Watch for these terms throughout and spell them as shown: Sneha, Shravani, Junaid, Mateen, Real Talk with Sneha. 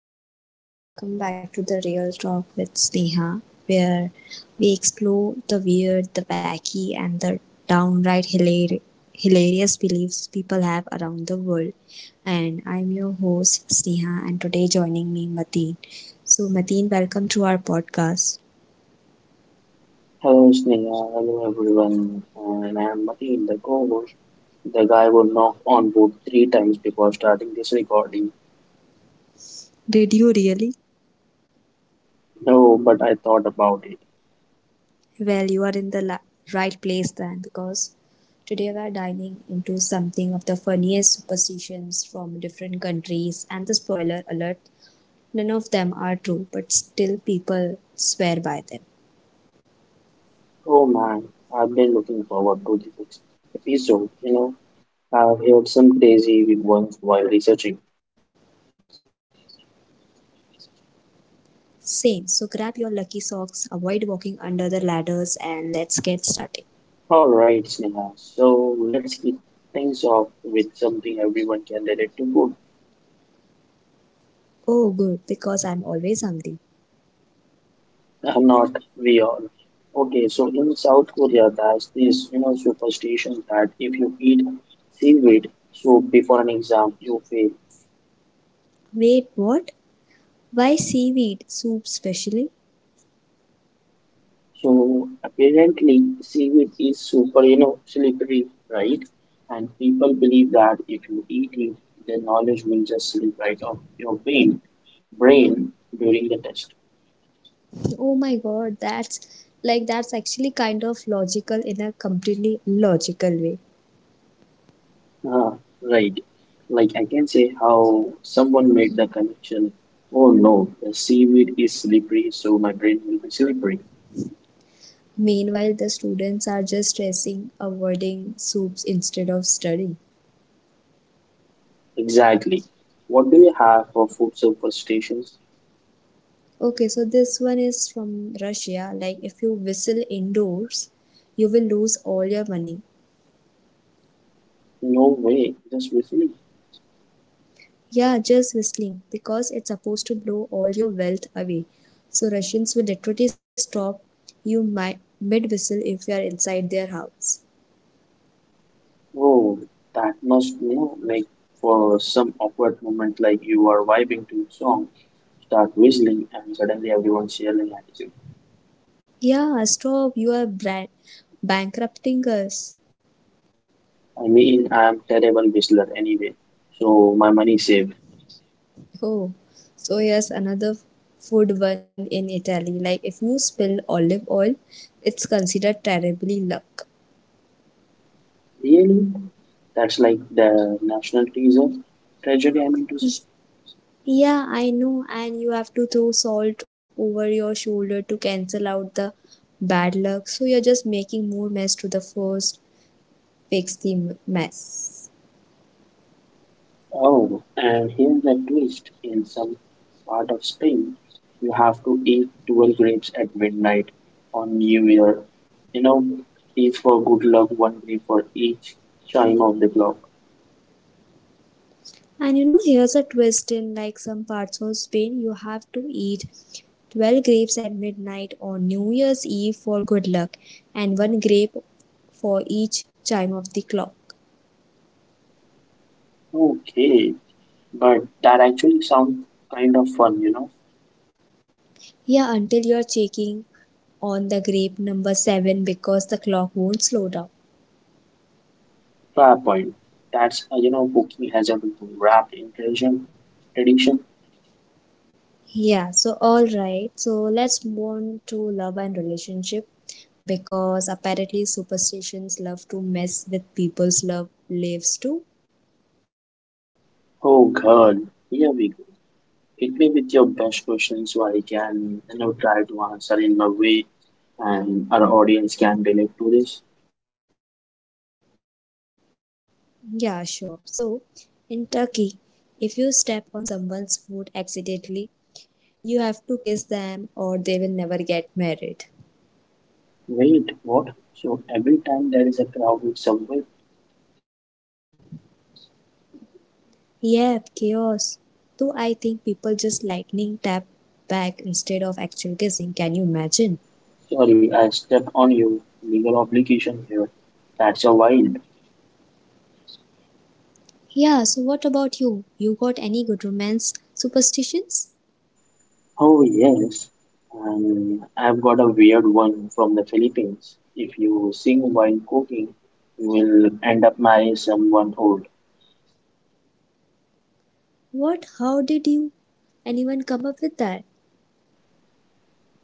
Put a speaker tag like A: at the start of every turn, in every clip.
A: everyone, welcome back to the Real Talk with Sneha, where we explore the weird, the wacky, and the downright hilarious beliefs people have around the world. And I'm your host Sneha, and today joining me Mateen. So Mateen, welcome to our podcast.
B: Hello, Sneha. Hello, everyone. And I am Mateen, the co-host. The guy who knocked on wood three times before starting this recording.
A: Did you really?
B: No, but I thought about it.
A: Well, you are in the right place then, because today we are diving into something of the funniest superstitions from different countries and the spoiler alert, none of them are true, but still people swear by them.
B: Oh man, I've been looking forward to this episode. I've heard some crazy ones while researching.
A: Same, so grab your lucky socks, avoid walking under the ladders, and let's get started.
B: All right, Sneha. So let's kick things off with something everyone can relate to food.
A: Oh, good, because I'm always hungry.
B: Not we all. Okay, so in South Korea, there's this superstition that if you eat seaweed, so before an exam, you fail.
A: Wait, what? Why seaweed soup specially?
B: So apparently, seaweed is super slippery, right? And people believe that if you eat it, the knowledge will just slip right off your brain during the test.
A: Oh my god, that's actually kind of logical in a completely logical way.
B: Ah, right. Like I can say how someone made the connection. Oh no, the seaweed is slippery, so my brain will be slippery.
A: Meanwhile, the students are just stressing, avoiding soups instead of studying.
B: Exactly. What do you have for food superstitions?
A: Okay, so this one is from Russia. Like, if you whistle indoors, you will lose all your money.
B: No way, just whistling.
A: Yeah, just whistling because it's supposed to blow all your wealth away. So, Russians will literally stop you mid whistle if you are inside their house.
B: Oh, that must like for some awkward moment, like you are vibing to a song, start whistling, and suddenly everyone's yelling at you.
A: Yeah, stop, you are bankrupting us.
B: I mean, I am terrible whistler anyway, so my money saved.
A: Oh, so here's another food one in Italy. Like, if you spill olive oil, it's considered terribly luck.
B: Really? That's like the national treasure. Treasury, I mean to say.
A: Yeah, I know, and you have to throw salt over your shoulder to cancel out the bad luck. So you're just making more mess to the first fix the mess.
B: Oh, and here's the twist. In some part of Spain, you have to eat 12 grapes at midnight on New Year. You know, each for good luck, one grape for each chime of the clock.
A: And you know, here's a twist in like some parts of Spain, you have to eat 12 grapes at midnight on New Year's Eve for good luck, and one grape for each chime of the clock.
B: Okay, but that actually sounds kind of fun.
A: Yeah, until you're checking on the grape number 7 because the clock won't slow down.
B: Fair point. That's, cooking has a wrapped in tradition. Tradition.
A: Yeah, so all right. So let's move on to love and relationship because apparently superstitions love to mess with people's love lives too.
B: Oh God, here we go. Hit me with your best question so I can try to answer in a way and our audience can relate to this.
A: Yeah, sure. So in Turkey, if you step on someone's foot accidentally, you have to kiss them or they will never get married.
B: Wait, what? So every time there is a crowded subway,
A: Yep, chaos. Though I think people just lightning tap back instead of actual kissing. Can you imagine?
B: sorry, I stepped on you. Legal obligation here. That's a wild.
A: Yeah, so what about you? You got any good romance superstitions?
B: Oh yes, and I've got a weird one from the Philippines. If you sing while cooking, you will end up marrying someone old.
A: What? How did you? Anyone come up with that?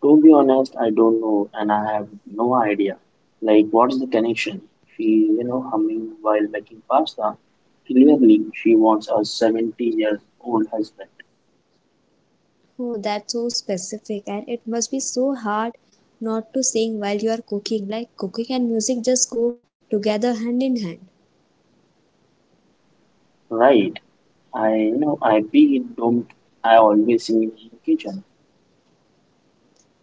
B: To be honest, I don't know and I have no idea. Like, what's the connection? She humming while making pasta. Clearly, she wants a 70-year-old husband.
A: Oh, that's so specific, and it must be so hard not to sing while you are cooking. Like cooking and music just go together hand in hand.
B: Right. I be don't. I always see him in the kitchen.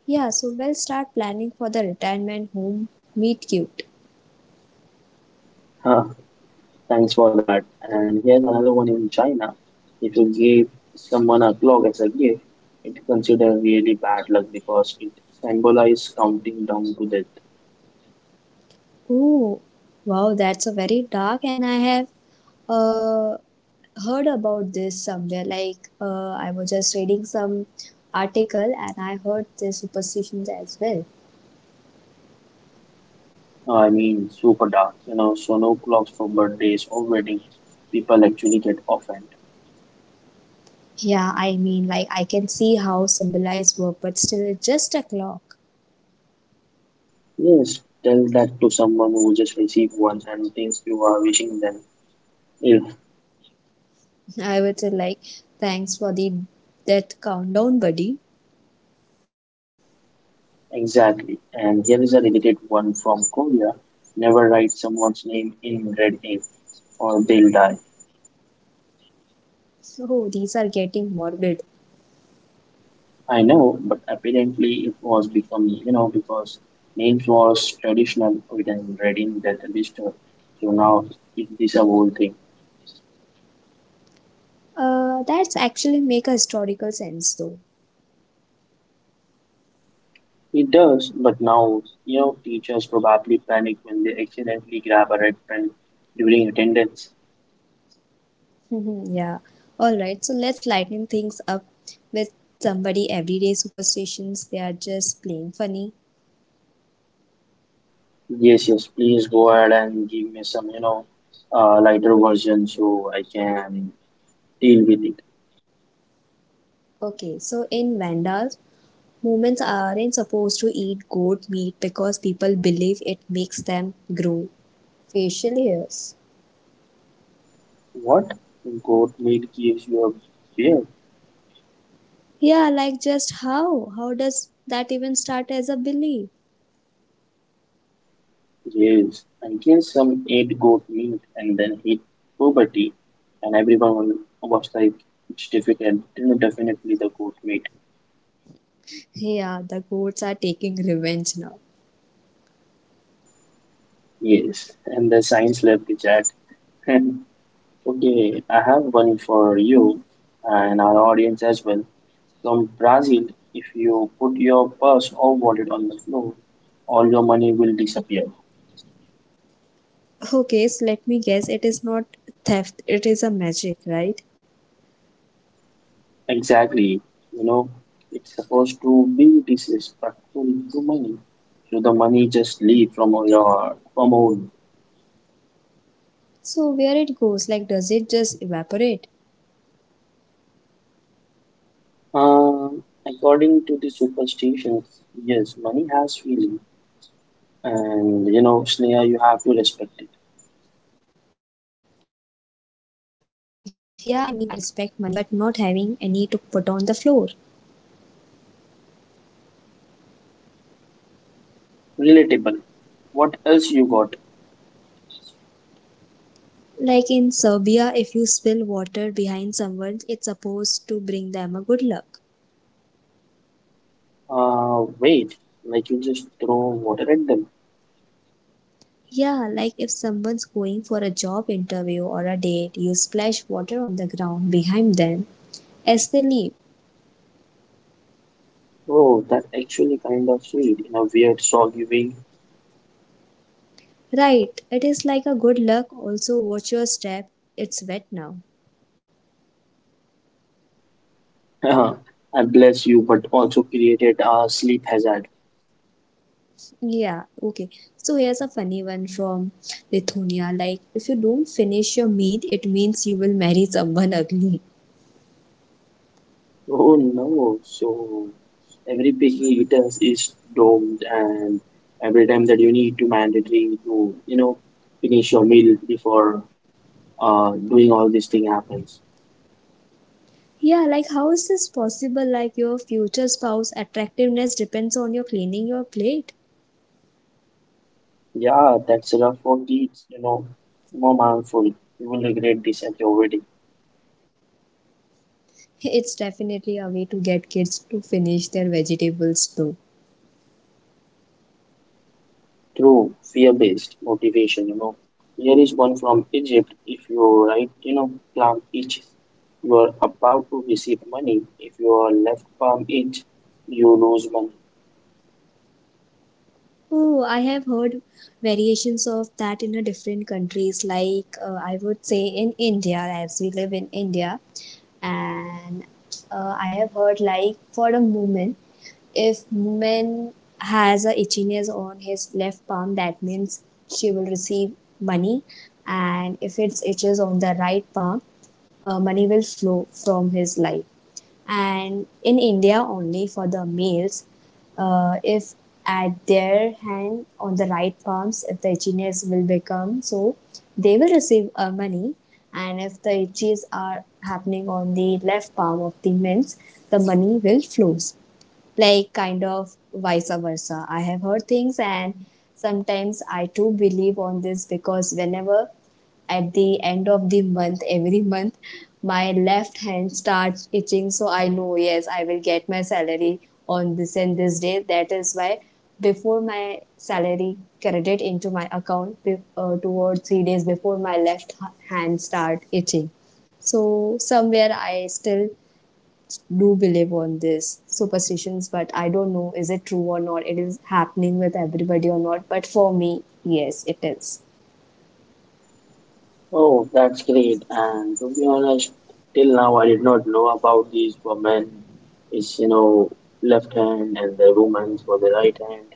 A: Yeah, so we'll start planning for the retirement home meet cute.
B: Huh, thanks for that. And here's another one in China. If you give someone a clock as a gift, it's considered really bad luck because it symbolizes counting down to the.
A: Oh, wow, that's a very dark, and I have uh, heard about this somewhere. Like, I was just reading some article and I heard the superstitions as well.
B: I mean, super dark, so no clocks for birthdays or wedding. People actually get offended.
A: Yeah, I mean, like, I can see how symbolized work, but still, it's just a clock.
B: Yes, tell that to someone who just received one and thinks you are wishing them ill.
A: I would say, like, thanks for the that countdown, buddy.
B: Exactly. And here is a related one from Korea. Never write someone's name in red ink or they'll die.
A: Oh, these are getting morbid.
B: I know, but apparently it was become because names was traditional written red in that register. So now it is a whole thing.
A: That's actually make a historical sense, though.
B: It does, but now teachers probably panic when they accidentally grab a red pen during attendance.
A: Mhm, yeah. All right. So let's lighten things up with somebody everyday superstitions. They are just plain funny.
B: Yes, yes, please go ahead and give me some lighter version so I can deal with it.
A: Okay. So in Vandas, moments aren't supposed to eat goat meat because people believe it makes them grow facial hairs.
B: What? Goat meat gives you a beard.
A: Yeah, like just how? How does that even start as a belief?
B: Yes, I guess some ate goat meat and then hit puberty, and everyone was like, it's difficult, definitely the goat meat.
A: Yeah, the goats are taking revenge now.
B: Yes, and the science lab the chat. Okay, I have one for you and our audience as well. From Brazil, if you put your purse or wallet on the floor, all your money will disappear.
A: Okay, so let me guess, it is not theft, it is a magic, right?
B: Exactly. You know, it's supposed to be disrespectful to money. So the money just leave from your from home.
A: So where it goes, like does it just evaporate?
B: According to the superstitions, yes, money has feeling. And Sneha, you have to respect it.
A: Yeah, I mean, I respect money, but not having any to put on the floor.
B: Relatable. What else you got?
A: Like in Serbia, if you spill water behind someone, it's supposed to bring them a good luck.
B: Wait, like you just throw water at them.
A: Yeah, like if someone's going for a job interview or a date, you splash water on the ground behind them as they leave.
B: Oh, that actually kind of sweet in a weird, soggy way.
A: Right, it is like a good luck. Also, watch your step, it's wet now.
B: I bless you, but also created a sleep hazard.
A: Yeah, okay. So here's a funny one from Lithuania. Like, if you don't finish your meat, it means you will marry someone ugly.
B: Oh no, so every picky eater is domed, and every time that you need to mandatory to finish your meal before doing all this thing happens.
A: Yeah, like, how is this possible? Like, your future spouse attractiveness depends on your cleaning your plate.
B: Yeah, that's rough for kids, more harmful. You will regret this at your wedding.
A: It's definitely a way to get kids to finish their vegetables too.
B: True, fear-based motivation. Here is one from Egypt. If you right, palm itches, you are about to receive money. If your left palm itch, you lose money.
A: Oh, I have heard variations of that in a different countries. Like, I would say in India, as we live in India, and I have heard like for a woman, if woman has a itchiness on his left palm, that means she will receive money, and if it itches on the right palm, money will flow from his life and in India only for the males. If at their hand on the right palms, if the itchiness will become so, they will receive money. And if the itches are happening on the left palm of the males, the money will flows like kind of vice versa. I have heard things, and sometimes I too believe on this because whenever at the end of the month every month my left hand starts itching, so I know yes I will get my salary on this and this day. That is why before my salary credit into my account 2 or 3 days before my left hand start itching, so somewhere I still do believe on this superstitions, but I don't know is it true or not. It is happening with everybody or not. But for me, yes, it is.
B: Oh, that's great. And to be honest, till now I did not know about these women. It's left hand and the women for the right hand.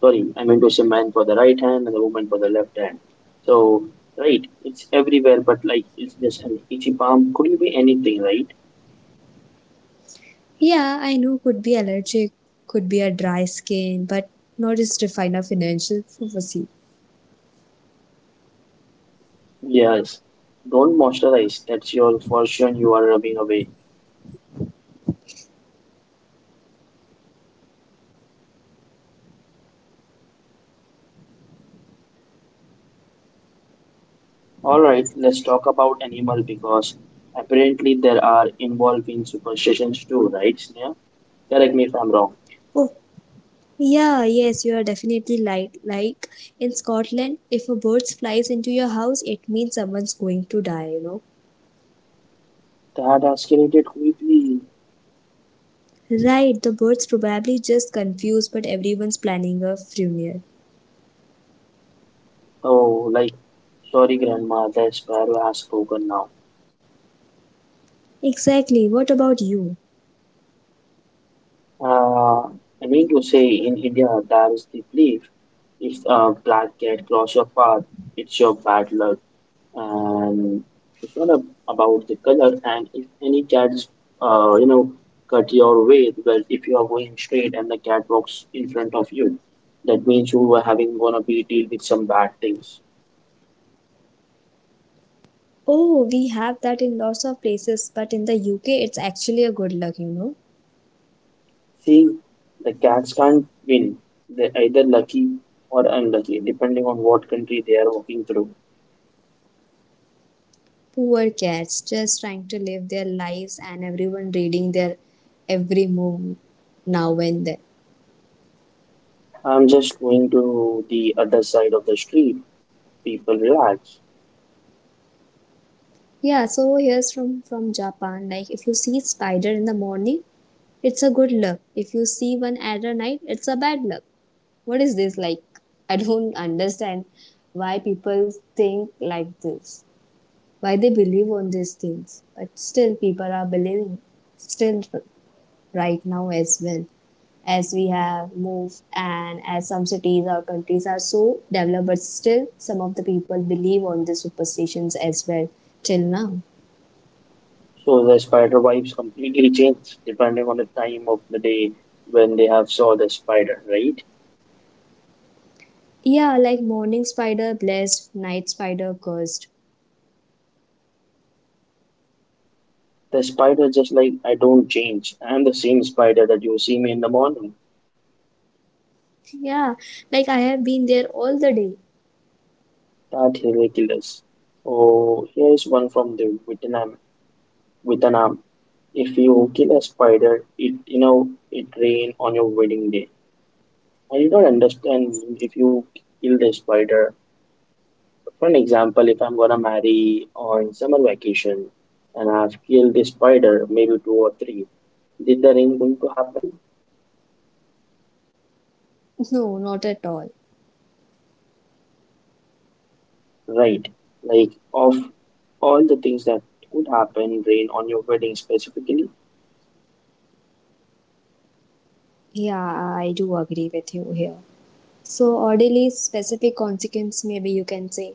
B: Sorry, I meant to say man for the right hand and the woman for the left hand. So right, it's everywhere, but like it's just an itchy palm. Could you be anything, right?
A: Yeah, I know, could be allergic, could be a dry skin, but not just define a financial prophecy.
B: Yes, don't moisturize, that's your fortune you are rubbing away. All right, let's talk about animal because apparently there are involved in superstitions too, right, Sneha? Correct me if I'm wrong.
A: Oh, yeah, yes, you are definitely right. Like in Scotland, if a bird flies into your house, it means someone's going to die,
B: That escalated quickly.
A: Right, the bird's probably just confused, but everyone's planning a funeral.
B: Oh, like sorry grandma, the sparrow has spoken now.
A: Exactly. What about you?
B: Uh, I mean to say, in India, there is the belief if a black cat cross your path, it's your bad luck. And it's not about the color. And if any cats, uh, you know, cut your way, well, if you are going straight and the cat walks in front of you, that means you are having gonna be deal with some bad things.
A: Oh, we have that in lots of places, but in the UK, it's actually a good luck,
B: See, the cats can't win. They're either lucky or unlucky, depending on what country they are walking through.
A: Poor cats just trying to live their lives and everyone reading their every move now and then.
B: I'm just going to the other side of the street. People relax.
A: Yeah, so here's from Japan. Like, if you see spider in the morning, it's a good luck. If you see one at a night, it's a bad luck. What is this like? I don't understand why people think like this. Why they believe on these things? But still, people are believing still right now as well, as we have moved and as some cities or countries are so developed, but still some of the people believe on the superstitions as well till now.
B: So the spider vibes completely change depending on the time of the day when they have saw the spider, right?
A: Yeah, like morning spider blessed, night spider cursed.
B: The spider just like I don't change. I'm the same spider that you see me in the morning.
A: Yeah, like I have been there all the day.
B: That ridiculous. Oh, here's one from the Vietnam. If you kill a spider, it rain on your wedding day. I do not understand if you kill the spider. For an example, if I'm gonna marry on summer vacation and I've killed a spider, maybe two or three, did the rain going to happen?
A: No, not at all.
B: Right. Like of all the things that could happen, rain on your wedding specifically?
A: Yeah, I do agree with you here, so orderly specific consequence, maybe you can say.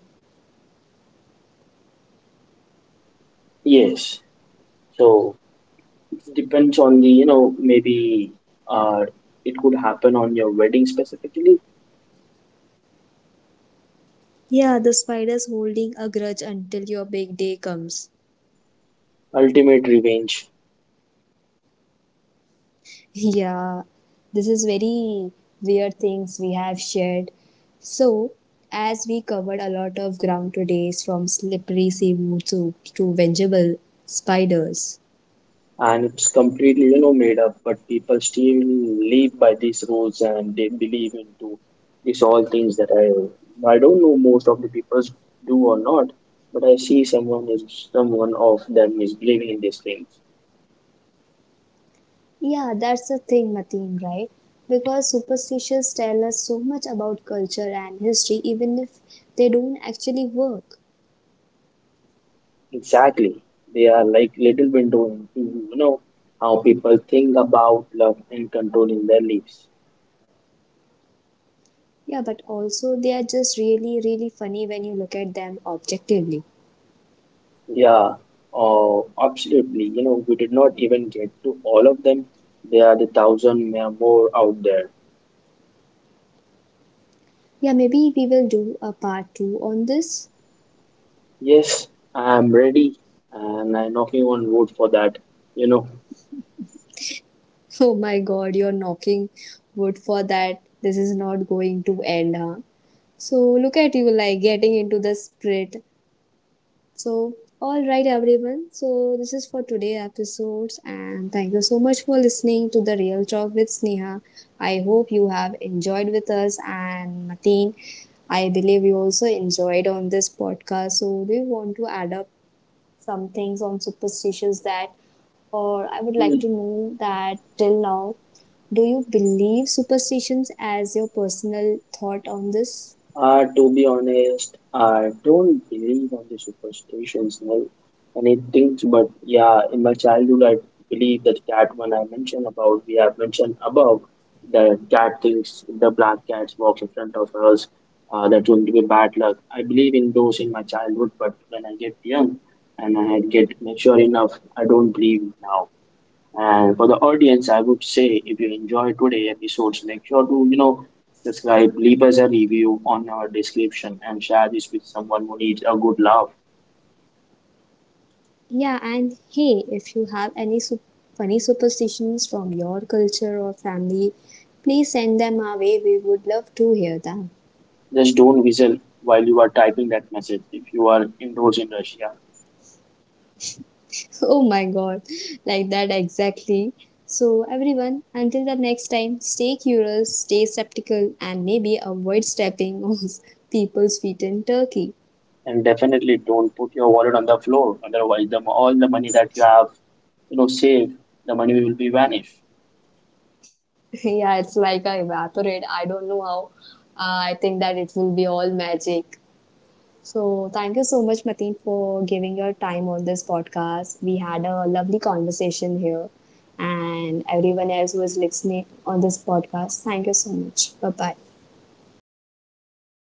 B: Yes. So it depends on the maybe uh it could happen on your wedding specifically.
A: Yeah, the spider's holding a grudge until your big day comes.
B: Ultimate revenge.
A: Yeah, this is very weird things we have shared. So, as we covered a lot of ground today, from slippery seaweed soups to vegetable spiders.
B: And it's completely made up, but people still live by these rules and they believe into these all things that I don't know most of the people do or not. But I see someone is someone of them is believing in these things.
A: Yeah, that's the thing, Mateen, right? Because superstitions tell us so much about culture and history, even if they don't actually work.
B: Exactly, they are like little window into you know how people think about love and controlling their lives.
A: Yeah, but also they are just really, really funny when you look at them objectively.
B: Yeah, oh absolutely, we did not even get to all of them. There are the thousand more out there.
A: Yeah, maybe we will do a part two on this.
B: Yes, I am ready, and I'm knocking on wood for that. You know,
A: Oh my god, you're knocking wood for that. This is not going to end, huh? So look at you like getting into the spirit. So all right everyone. So this is for today episodes and thank you so much for listening to the Real Talk with Sneha. I hope you have enjoyed with us and Mateen. I believe you also enjoyed on this podcast. So do you want to add up some things on superstitions that, or I would like to
B: Hmm.
A: know that till now, do you believe superstitions as your personal thought on this?
B: To be honest, I don't believe on the superstitions like anything, but yeah, in my childhood, I believe that cat when I mentioned about, we have mentioned above, the cat thinks the black cats walks in front of us, that's going to be bad luck. I believe in those in my childhood, but when I get young and I get mature enough, I don't believe now. And for the audience, I would say if you enjoy today episodes, make sure to subscribe, leave us a review on our description and share this with someone who needs a good laugh.
A: Yeah, and hey, if you have any funny superstitions from your culture or family, please send them our way. We would love to hear them.
B: Just don't whistle while you are typing that message if you are indoors in Russia.
A: Oh my god, like that exactly. So, everyone, until the next time, stay curious, stay skeptical, and maybe avoid stepping on people's feet in Turkey.
B: And definitely don't put your wallet on the floor. Otherwise, all the money that you have, saved, the money will be vanished.
A: Yeah, it's like I evaporate. I don't know how. I think that it will be all magic. So, thank you so much, Mateen, for giving your time on this podcast. We had a lovely conversation here, and everyone else who is listening on this podcast, thank you so much. Bye bye.